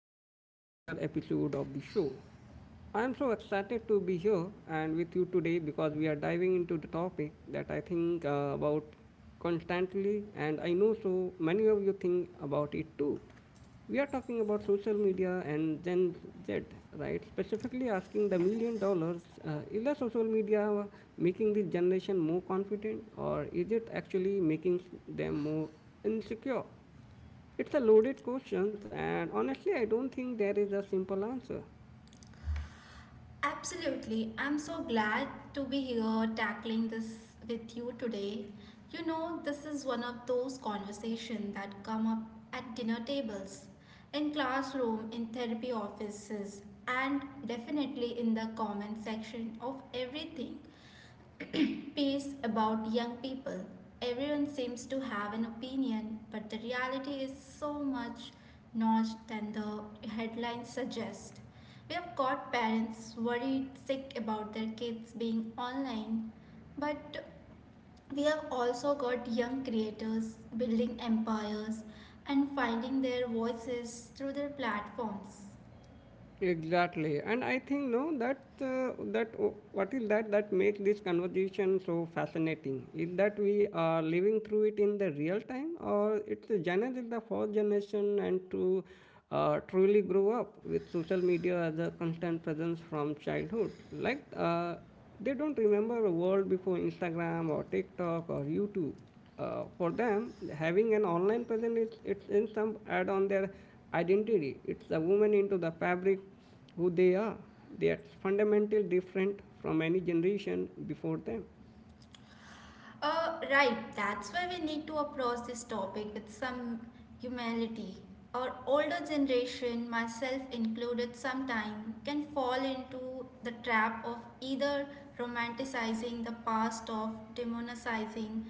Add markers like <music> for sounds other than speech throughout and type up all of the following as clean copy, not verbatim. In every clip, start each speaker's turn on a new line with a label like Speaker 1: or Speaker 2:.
Speaker 1: back to the another episode of the show. I am so excited to be here and with you today because we are diving into the topic that I think about constantly, and I know so many of you think about it too. We are talking about social media and Gen Z, right? Specifically asking the million dollars, is the social media making this generation more confident, or is it actually making them more insecure? It's a loaded question, and honestly, I don't think there is a simple answer.
Speaker 2: Absolutely. I'm so glad to be here tackling this with you today. You know, this is one of those conversations that come up at dinner tables, in classroom, in therapy offices, and definitely in the comment section of everything. Piece about young people. Everyone seems to have an opinion, but the reality is so much notched than the headlines suggest. We have got parents worried sick about their kids being online, but we have also got young creators building empires and finding their voices through their platforms.
Speaker 1: Exactly, and I think no, that that oh, what is that that makes this conversation so fascinating is that we are living through it in the real time, or it's the Gen Z is the fourth generation and to truly grow up with social media as a constant presence from childhood, like they don't remember a world before Instagram or TikTok or YouTube. For them, having an online presence is it's in some add on their identity. It's a woman into the fabric who they are. They are fundamental different from any generation before them.
Speaker 2: Right, that's why we need to approach this topic with some humanity. Our older generation, myself included, sometime can fall into the trap of either romanticizing the past or demonizing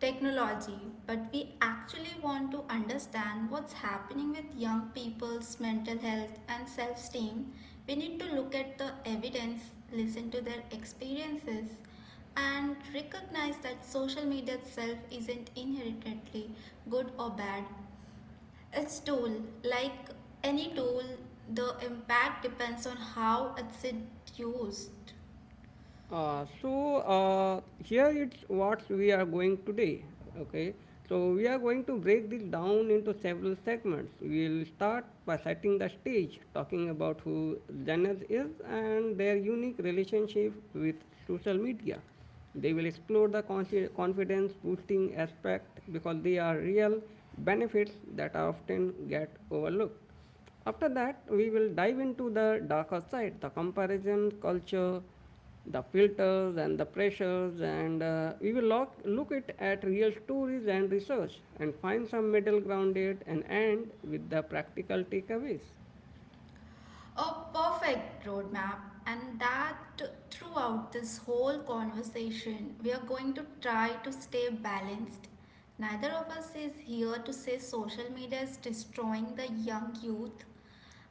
Speaker 2: technology, but we actually want to understand what's happening with young people's mental health and self esteem, we need to look at the evidence, listen to their experiences, and recognize that social media itself isn't inherently good or bad. It's a tool like any tool the impact depends on how it's used.
Speaker 1: Here it's what we are going today. Okay, so we are going to break this down into several segments. We'll start by setting the stage, talking about who Zenith is and their unique relationship with social media. They will explore the confidence boosting aspect because they are real benefits that often get overlooked. After that, we will dive into the darker side, the comparison culture, the filters and the pressures, and we will look it at real stories and research and find some middle ground it and end with the practical takeaways.
Speaker 2: A perfect roadmap, and that throughout this whole conversation, we are going to try to stay balanced. Neither of us is here to say social media is destroying the young youth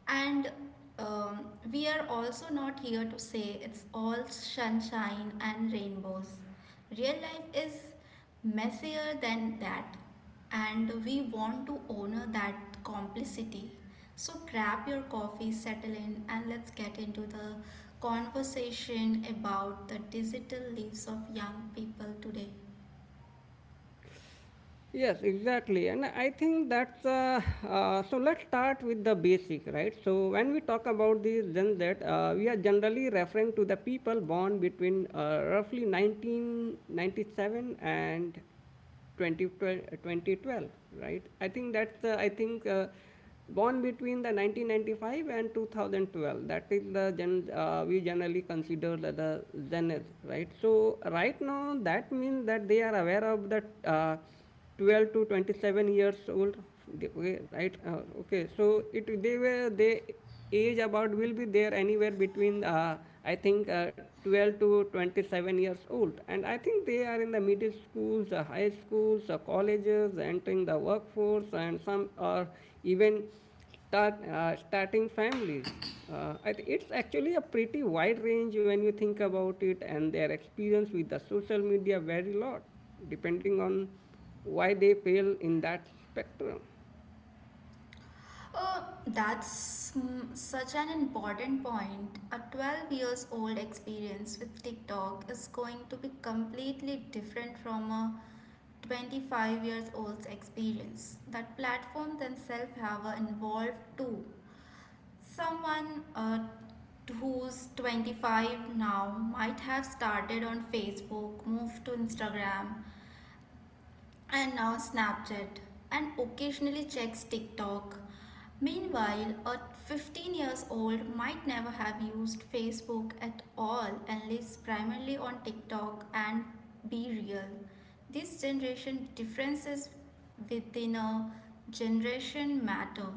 Speaker 2: and um, we are also not here to say it's all sunshine and rainbows. Real life is messier than that, and we want to honor that complicity. So, grab your coffee, settle in, and let's get into the conversation about the digital lives of young people today.
Speaker 1: Yes, exactly. And I think that's so. Let's start with the basic, right? So, when we talk about these Gen Z, we are generally referring to the people born between roughly 1997 and 2012, 2012, right? I think that's, I think, born between the 1995 and 2012. That is the gen, we generally consider the Gen Z, right? So, right now, that means that they are aware of that. 12 to 27 years old. Okay, right, okay, so it they were they age about will be there anywhere between I think 12 to 27 years old, and I think they are in the middle schools, the high schools, the colleges, entering the workforce, and some are even starting families. It's actually a pretty wide range when you think about it, and their experience with the social media vary a lot depending on why they fail in that spectrum.
Speaker 2: Oh, that's such an important point. A 12 years old experience with TikTok is going to be completely different from a 25 years old's experience. That platform themselves have evolved too. Someone who's 25 now might have started on Facebook, moved to Instagram, and now Snapchat, and occasionally checks TikTok. Meanwhile, a 15 years old might never have used Facebook at all and lives primarily on TikTok and BeReal. This generation differences within a generation matter.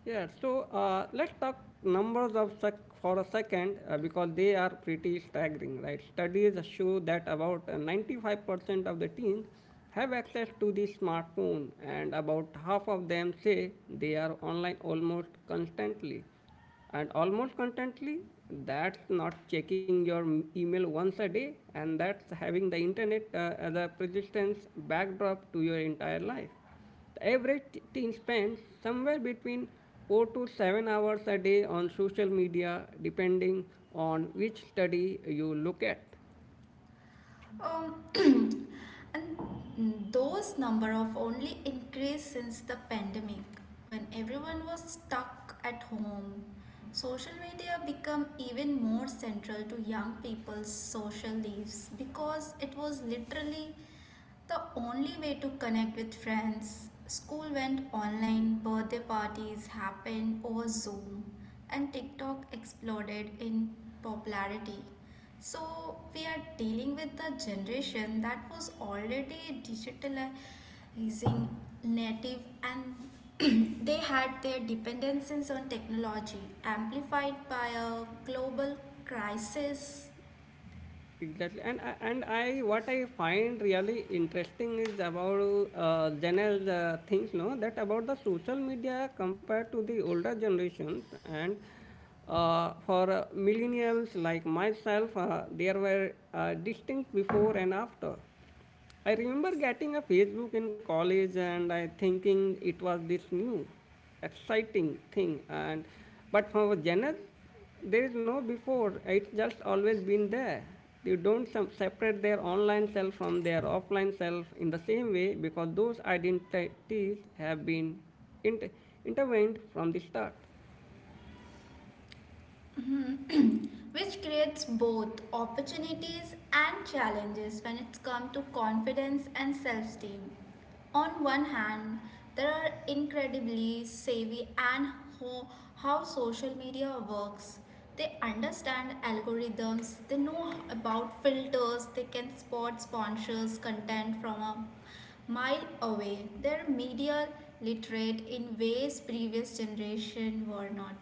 Speaker 1: Yeah, so let's talk numbers for a second, because they are pretty staggering, right? Studies show that about 95% of the teens have access to the smartphone, and about half of them say they are online almost constantly. And almost constantly, that's not checking your email once a day, and that's having the internet as a persistence backdrop to your entire life. The average teen spends somewhere between 4 to 7 hours a day on social media depending on which study you look at.
Speaker 2: Um, <clears throat> and those number of only increased since the pandemic when everyone was stuck at home. Social media become even more central to young people's social lives because it was literally the only way to connect with friends. School went online, birthday parties happened over Zoom, and TikTok exploded in popularity. So we are dealing with the generation that was already digitalizing native and <clears throat> they had their dependencies on technology amplified by a global crisis.
Speaker 1: Exactly, and I what I find really interesting is about general things, no, that about the social media compared to the older generations, and for millennials like myself, there were distinct before and after. I remember getting a Facebook in college and I thinking it was this new exciting thing, and but for Janet there is no before. It's just always been there. They don't separate their online self from their offline self in the same way because those identities have been inter- intervened from the start.
Speaker 2: <clears throat> Which creates both opportunities and challenges when it's come to confidence and self-esteem. On one hand, there are incredibly savvy and ho- how social media works. They understand algorithms, they know about filters, they can spot sponsors' content from a mile away. They're media literate in ways previous generation were not.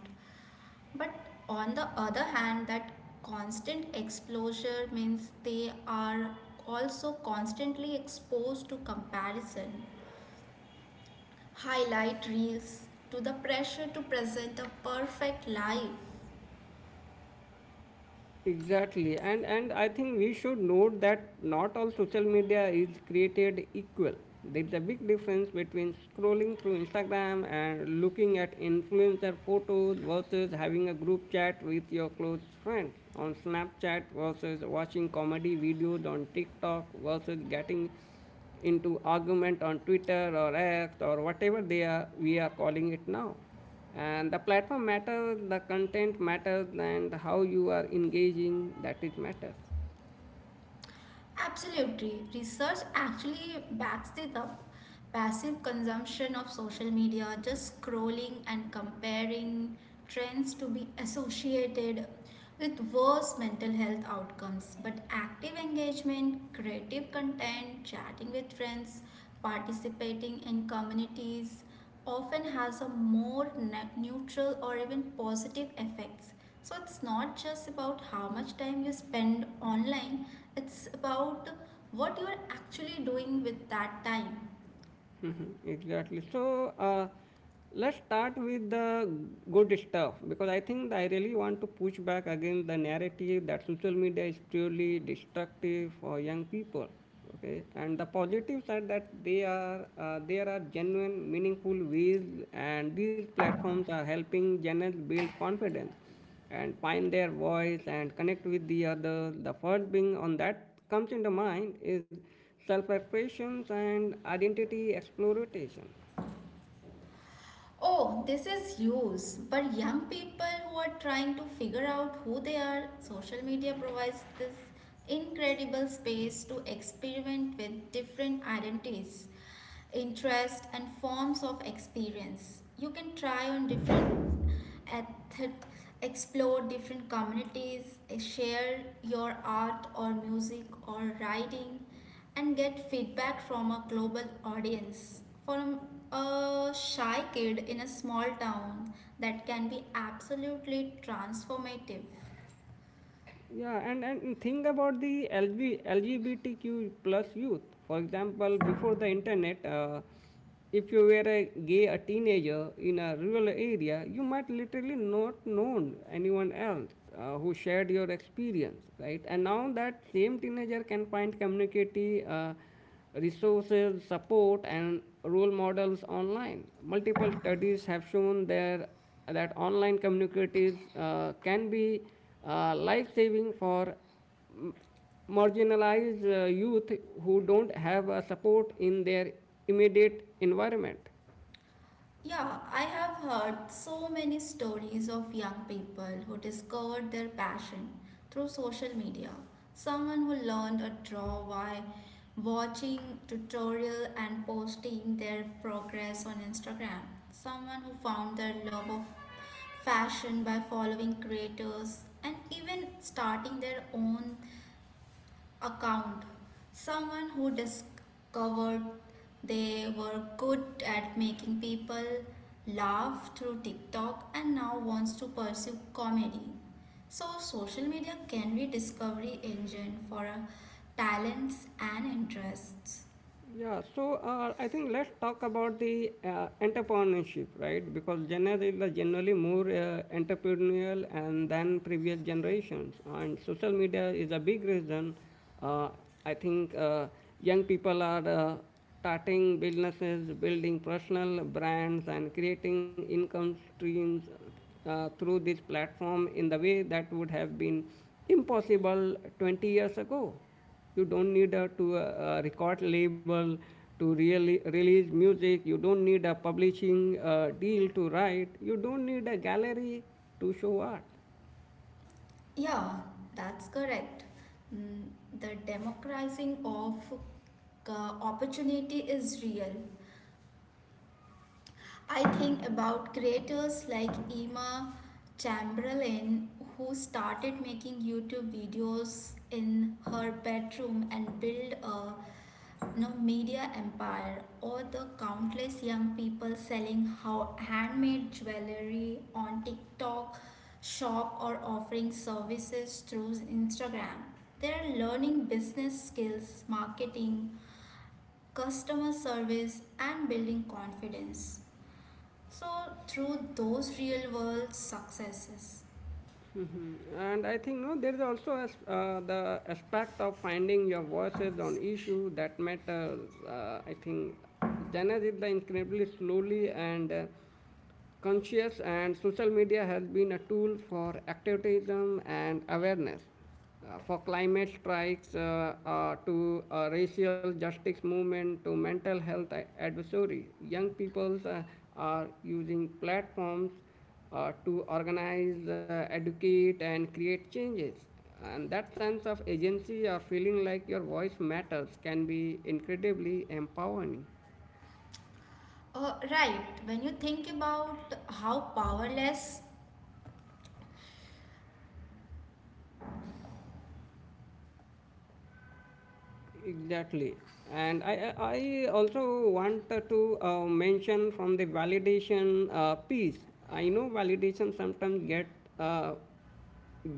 Speaker 2: But on the other hand, that constant exposure means they are also constantly exposed to comparison, highlight reels, to the pressure to present a perfect life.
Speaker 1: Exactly, and I think we should note that not all social media is created equal. There is a big difference between scrolling through Instagram and looking at influencer photos versus having a group chat with your close friends on Snapchat versus watching comedy videos on TikTok versus getting into argument on Twitter or X or whatever they are we are calling it now. And the platform matter, the content matters, and how you are engaging that it matters.
Speaker 2: Absolutely. Research actually backs it up. Passive consumption of social media, just scrolling and comparing trends to be associated with worse mental health outcomes. But active engagement, creative content, chatting with friends, participating in communities, often has a more neutral or even positive effects. So it's not just about how much time you spend online, it's about what you're actually doing with that time.
Speaker 1: <laughs> Exactly. So uh, let's start with the good stuff because I think I really want to push back against the narrative that social media is purely destructive for young people. Okay, and the positive side that they are there are genuine meaningful ways and these platforms are helping channels build confidence and find their voice and connect with the others. The first being on that comes into mind is self-expression and identity exploration.
Speaker 2: Oh, this is use. But young people who are trying to figure out who they are, social media provides this incredible space to experiment with different identities, interests, and forms of experience. You can try on different and explore different communities, share your art or music or writing, and get feedback from a global audience. For a shy kid in a small town, that can be absolutely transformative.
Speaker 1: Yeah, and, think about the LGBTQ plus youth. For example, before the internet, if you were a gay a teenager in a rural area, you might literally not known anyone else who shared your experience, right? And now that same teenager can find community, resources, support, and role models online. Multiple studies have shown there that online communities can be life-saving for marginalized youth who don't have support in their immediate environment.
Speaker 2: Yeah, I have heard so many stories of young people who discovered their passion through social media. Someone who learned a draw by watching tutorial and posting their progress on Instagram. Someone who found their love of fashion by following creators and even starting their own account. Someone who discovered they were good at making people laugh through TikTok and now wants to pursue comedy. So social media can be discovery engine for talents and interests.
Speaker 1: Yeah, so I think let's talk about the entrepreneurship, right? Because Gen Z is the generally more entrepreneurial and than previous generations, and social media is a big reason. Uh, I think young people are starting businesses, building personal brands, and creating income streams through this platform in the way that would have been impossible 20 years ago. You don't need to record label to really release music. You don't need a publishing deal to write. You don't need a gallery to show art.
Speaker 2: Yeah, that's correct. Mm, The democratizing of opportunity is real. I think about creators like Emma Chamberlain, who started making YouTube videos in her bedroom and built a media empire, or the countless young people selling how handmade jewelry on TikTok shop or offering services through Instagram. They're learning business skills, marketing, customer service, and building confidence. So, through those real world successes.
Speaker 1: And I think no there is also as, the aspect of finding your voices on issue that matters. I think Janet is the incredibly slowly and conscious, and social media has been a tool for activism and awareness, for climate strikes to racial justice movement to mental health advisory. Young people are using platforms to organize, educate, and create changes. And that sense of agency or feeling like your voice matters can be incredibly empowering.
Speaker 2: Right, when you think about how powerless
Speaker 1: Exactly. And I also want to mention from the validation piece. I know validation sometimes get uh,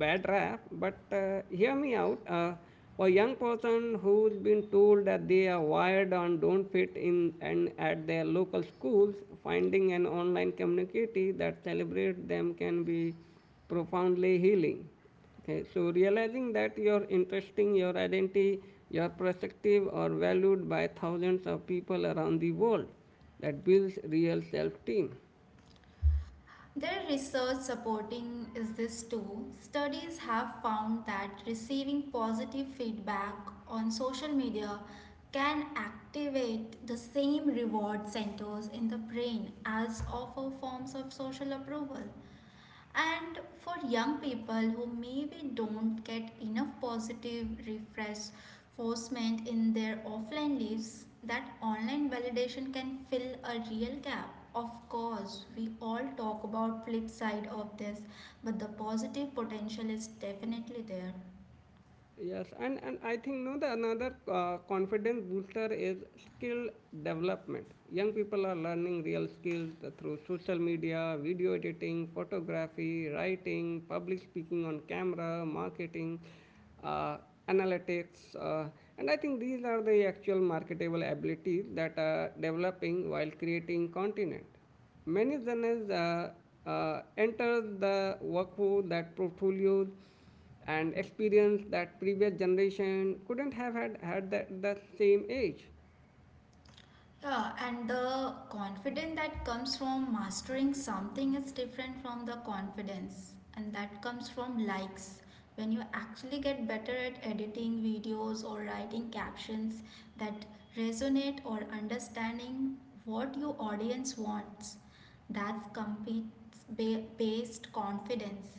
Speaker 1: bad rap, but hear me out. For young person who's been told that they are wired and don't fit in and at their local schools, finding an online community that celebrates them can be profoundly healing. Okay, so realizing that your interesting, your identity, your perspective are valued by thousands of people around the world, that builds real self-esteem.
Speaker 2: their research supporting is this too, studies have found that receiving positive feedback on social media can activate the same reward centers in the brain as offer forms of social approval. And for young people who maybe don't get enough positive reinforcement in their offline lives, that online validation can fill a real gap. Of course, we all talk about flip side of this, but the positive potential is definitely there.
Speaker 1: Yes, and, I think no, the another confidence booster is skill development. Young people are learning real skills through social media: video editing, photography, writing, public speaking on camera, marketing, uh, analytics, and I think these are the actual marketable abilities that are developing while creating content. Many journalists enter the workforce that portfolios and experience that previous generation couldn't have had at the that same age.
Speaker 2: Yeah, and the confidence that comes from mastering something is different from the confidence, and that comes from likes. When you actually get better at editing videos or writing captions that resonate or understanding what your audience wants, that's based confidence.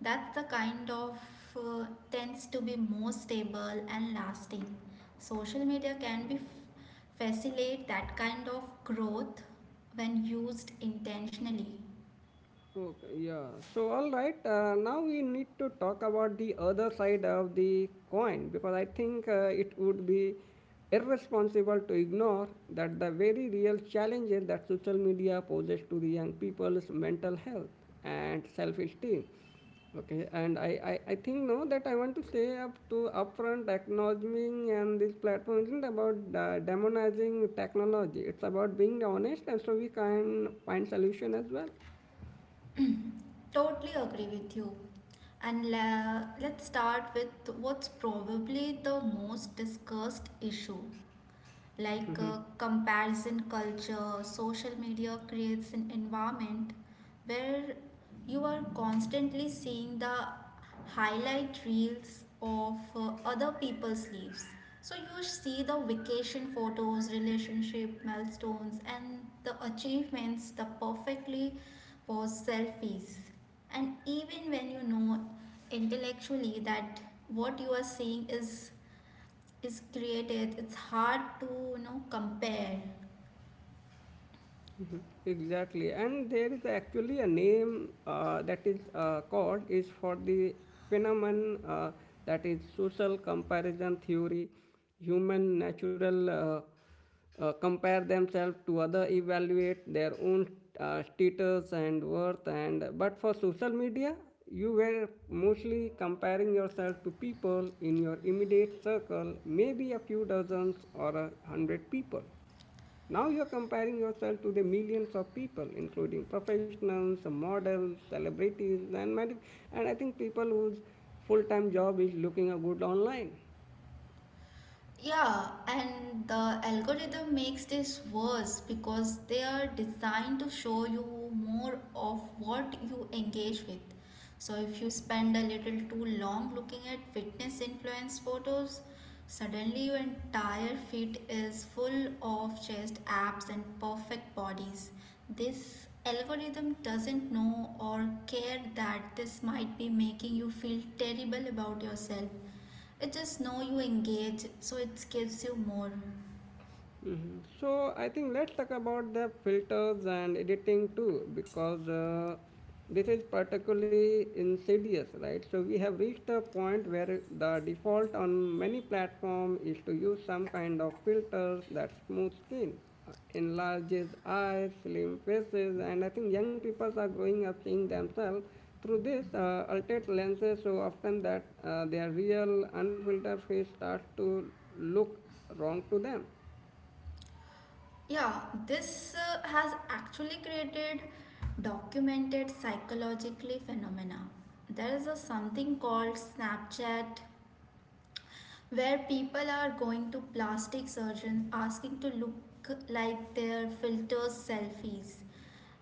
Speaker 2: That's the kind of uh, tends to be more stable and lasting. Social media can be facilitate that kind of growth when used intentionally.
Speaker 1: Okay, yeah. So, all right, now we need to talk about the other side of the coin because I think it would be irresponsible to ignore that the very real challenges that social media poses to the young people's mental health and self esteem. Okay, and I think no that I want to say up to upfront acknowledging and this platform isn't about demonizing technology. It's about being honest, and so we can find solution as well.
Speaker 2: Totally agree with you. And let's start with what's probably the most discussed issue like comparison culture, social media creates an environment where you are constantly seeing the highlight reels of other people's lives. So you see the vacation photos, relationship milestones, and the achievements, the perfectly posed selfies. And even when you know intellectually that what you are seeing is created it's hard to compare.
Speaker 1: Exactly, and there is actually a name that is called is for the phenomenon that is social comparison theory. Human natural compare themselves to other, evaluate their own status and worth, and but for social media, you were mostly comparing yourself to people in your immediate circle, maybe a few dozens or 100 people. Now you're comparing yourself to the millions of people, including professionals, models, celebrities, and many. And I think people whose full-time job is looking a good online.
Speaker 2: Yeah, and the algorithm makes this worse because they are designed to show you more of what you engage with. So if you spend a little too long looking at fitness influence photos, suddenly your entire feed is full of chest abs and perfect bodies. This algorithm doesn't know or care that this might be making you feel terrible about yourself it just know you engage, so it gives you more.
Speaker 1: Mhm. So I think let's talk about the filters and editing too, because this is particularly insidious, right? So we have reached a point where the default on many platforms is to use some kind of filters that smooth skin, enlarges eyes, slim faces, and I think young people are growing up seeing themselves through this altered lenses so often that their real unfiltered face starts to look wrong to them.
Speaker 2: Yeah, this has actually created documented psychologically phenomena. There is a something called Snapchat where people are going to plastic surgeons asking to look like their filters selfies.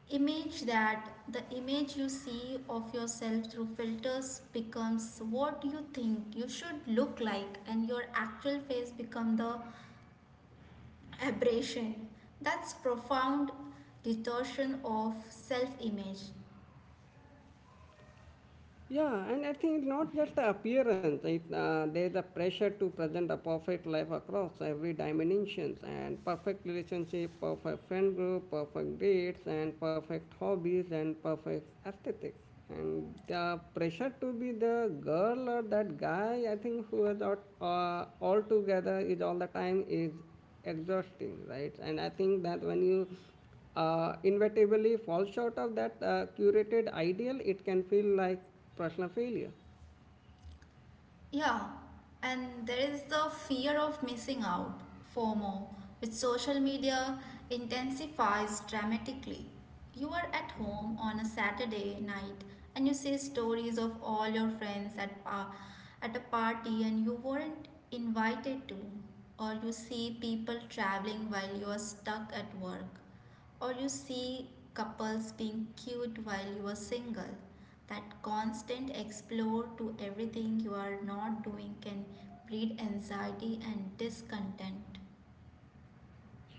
Speaker 2: Image that the image you see of yourself through filters becomes what you think you should look like and your actual face become the aberration that's profound distortion of self image.
Speaker 1: Yeah, and I think not just the appearance. There's a pressure to present a perfect life across every dimensions: and perfect relationship, perfect friend group, perfect dates, and perfect hobbies and perfect aesthetics. And the pressure to be the girl or that guy, I think, who is not all together is all the time is exhausting, right? And I think that when you inevitably falls short of that curated ideal, it can feel like personal failure.
Speaker 2: Yeah, and there is the fear of missing out, fomo, which social media intensifies dramatically. You are at home on a Saturday night and you see stories of all your friends at at a party and you weren't invited to or you see people traveling while you are stuck at work. Or you see couples being cute while you are single. That constant explore to everything you are not doing can breed anxiety and discontent.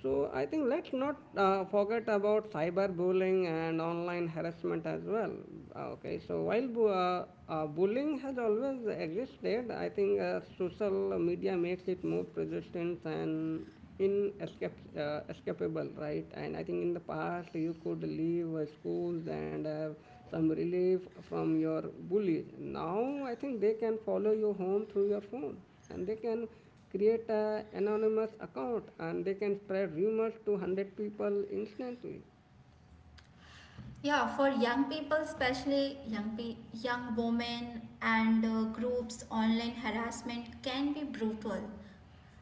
Speaker 1: So I think let's not forget about cyberbullying and online harassment as well. Okay, so while bullying has always existed, I think social media makes it more persistent and escapable, right? And I think in the past you could leave schools and have some relief from your bullies. Now I think they can follow you home through your phone and they can create a anonymous account and they can spread rumors to 100 people instantly.
Speaker 2: Yeah, for young people, especially young women and groups, online harassment can be brutal.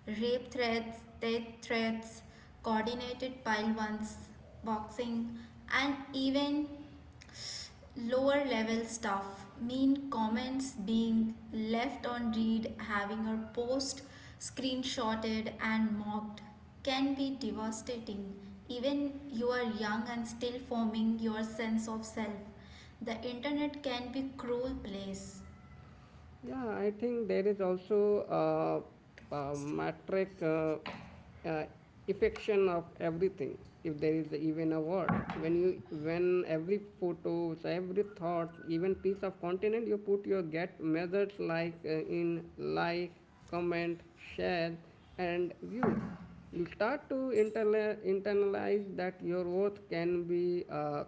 Speaker 2: Rape threats, death threats, coordinated pile ones, boxing, and even lower level stuff mean comments being left on read having her post screenshotted and mocked can be devastating even you are young and still forming your sense of self the internet can be a cruel place.
Speaker 1: Yeah, I think there is also a metric uh, affection of everything, if there is even a word, when you when every photo, every thought, even piece of content you put your get methods like in like comment share and views, you start to internalize that your worth can be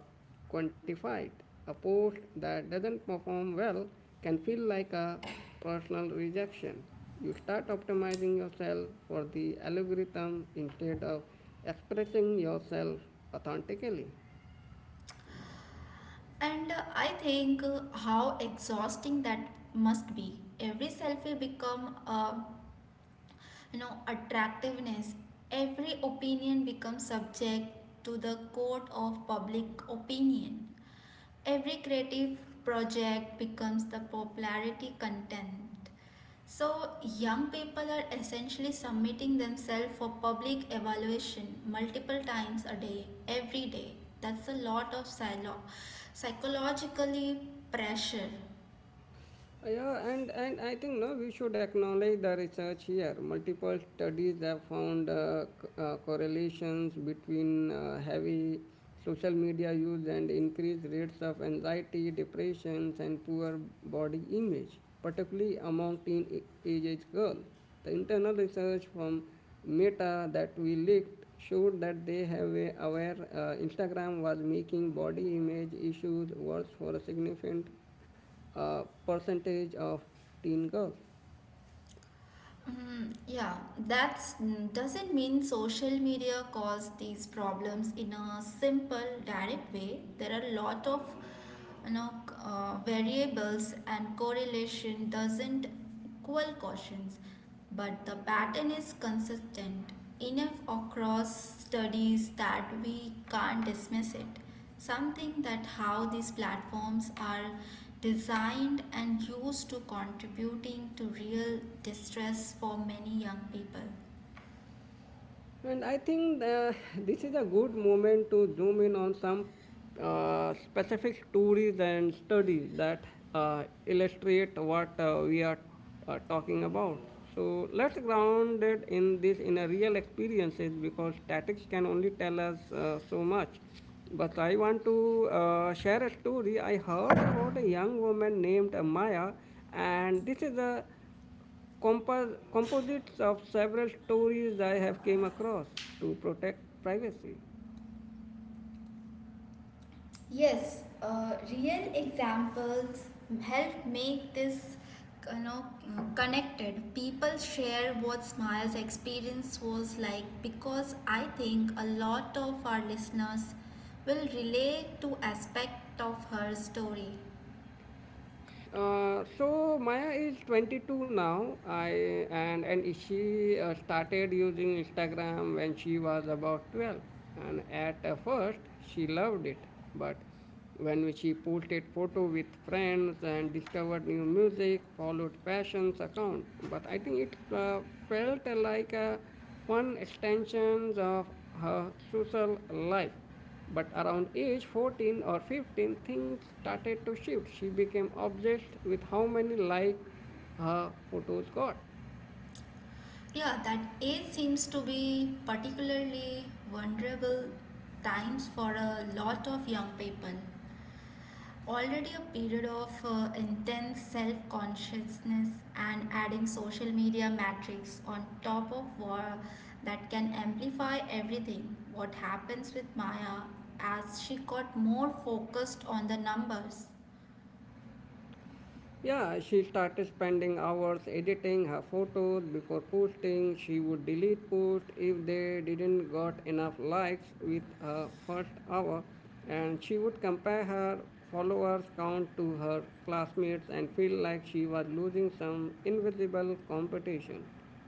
Speaker 1: quantified. A post that doesn't perform well can feel like a personal rejection. You start optimizing yourself for the algorithm instead of expressing yourself authentically.
Speaker 2: And I think how exhausting that must be every selfie become a attractiveness every opinion becomes subject to the court of public opinion every creative project becomes the popularity content so young people are essentially submitting themselves for public evaluation multiple times a day every day that's a lot of psychologically pressure.
Speaker 1: Yeah, and I think no, we should acknowledge the research here. Multiple studies have found correlations between heavy social media use and increased rates of anxiety, depressions, and poor body image, particularly among teenage age girls. The internal research from Meta that we leaked showed that they have a aware Instagram was making body image issues worse for a significant percentage of teen girls.
Speaker 2: Yeah, that doesn't mean social media caused these problems in a simple, direct way. There are a lot of you know variables and correlation doesn't equal cautions but the pattern is consistent enough across studies that we can't dismiss it something that how these platforms are designed and used to contributing to real distress for many young people.
Speaker 1: And I think <laughs> this is a good moment to zoom in on some specific stories and studies that illustrate what we are talking about. So let's ground it in this in a real experiences because statics can only tell us so much. But I want to share a story I heard about a young woman named Maya, and this is a composites of several stories I have came across to protect privacy.
Speaker 2: Yes, real examples help make this you know connected. People share what Smile's experience was like because I think a lot of our listeners will relate to aspect of her story.
Speaker 1: So Maya is 22 now. I and she started using Instagram when she was about 12. And at first she loved it, but when she posted photo with friends and discovered new music, followed fashions account. But I think it felt like a fun extensions of her social life. But around age 14 or 15, things started to shift. She became obsessed with how many likes her photos got.
Speaker 2: Yeah, that age seems to be particularly vulnerable times for a lot of young people. Already a period of intense self consciousness and adding social media metrics on top of war that can amplify everything. What happens with Maya as she got more focused on the numbers?
Speaker 1: Yeah, she started spending hours editing her photos before posting. She would delete posts if they didn't got enough likes with her first hour, and she would compare her followers count to her classmates and feel like she was losing some invisible competition.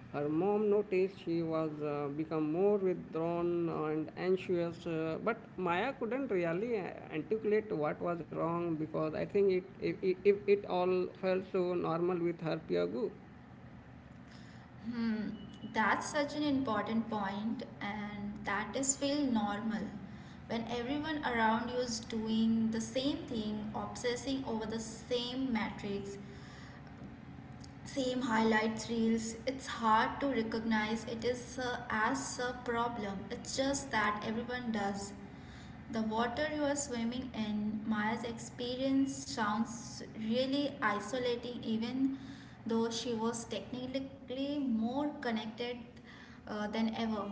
Speaker 1: Her mom noticed she was become more withdrawn and anxious, but Maya couldn't really articulate what was wrong because I think it all felt so normal with her peer group.
Speaker 2: Hmm, that's such an important point, and that is feel normal. When everyone around you is doing the same thing, obsessing over the same metrics, same highlights reels it's hard to recognize it is as a problem it's just that everyone does the water you are swimming in maya's experience sounds really isolating even though she was technically more connected than ever.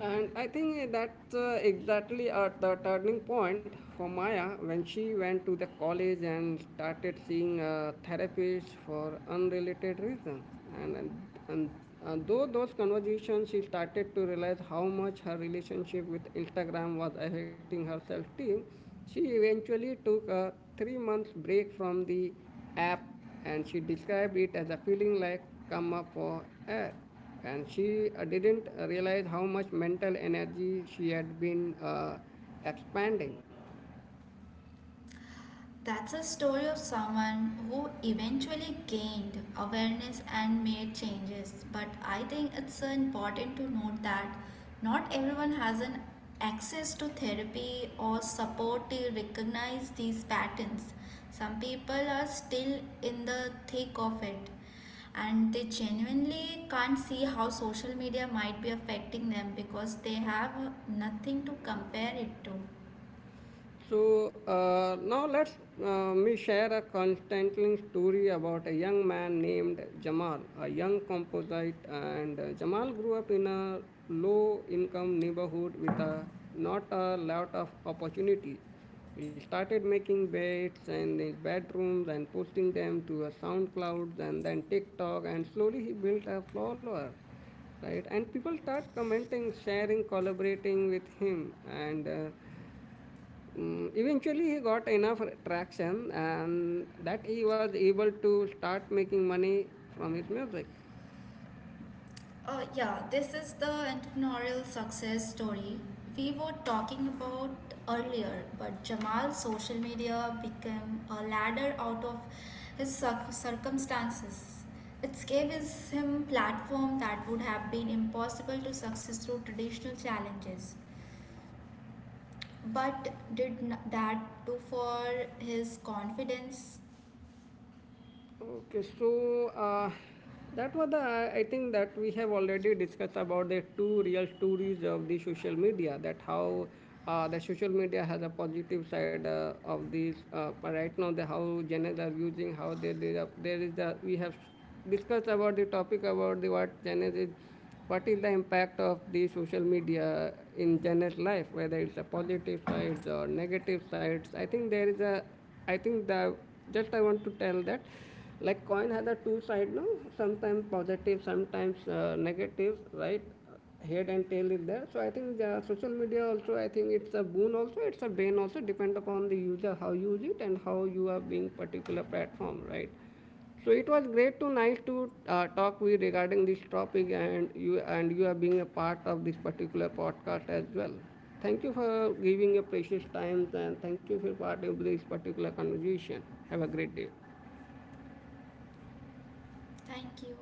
Speaker 1: And I think that's exactly at the turning point for Maya when she went to the college and started seeing a therapist for unrelated reasons. And, and, and, and though those conversations, she started to realize how much her relationship with Instagram was affecting her self esteem. She eventually took a 3 month break from the app, and she described it as a feeling like come up for air, and she didn't realize how much mental energy she had been expanding.
Speaker 2: That's a story of someone who eventually gained awareness and made changes. But I think it's important to note that not everyone has an access to therapy or support to recognize these patterns. Some people are still in the thick of it and they genuinely can't see how social media might be affecting them because they have nothing to compare it to.
Speaker 1: So now let us me share a constantling story about a young man named Jamal, a young composite. And Jamal grew up in a low-income neighborhood with a, not a lot of opportunities. He started making beds in his bedrooms and posting them to a SoundCloud and then TikTok, and slowly he built a follower right, and people start commenting sharing collaborating with him and eventually he got enough traction and that he was able to start making money from his music.
Speaker 2: Yeah, this is the entrepreneurial success story we were talking about earlier. But Jamal's social media became a ladder out of his circumstances. It gave his, him platform that would have been impossible to success through traditional challenges. But did that do for his confidence?
Speaker 1: Okay, so that was the, I think that we have already discussed about the two real stories of the social media, that how the social media has a positive side of this but right now the how Gen are using how they did up there is a we have discussed about the topic about the what Gen is, what is the impact of the social media in Jen's life, whether it's a positive sides or negative sides. I think there is a, I think the just I want to tell that like coin has a two side, no, sometimes positive, sometimes negative, right? Head and tail is there, so I think the social media also, I think it's a boon also, it's a bane also, depend upon the user how you use it and how you are being particular platform, right? So it was great to nice to talk with you regarding this topic and you are being a part of this particular podcast as well. Thank you for giving your precious time and thank you for part of this particular conversation. Have a great day.
Speaker 2: Thank you.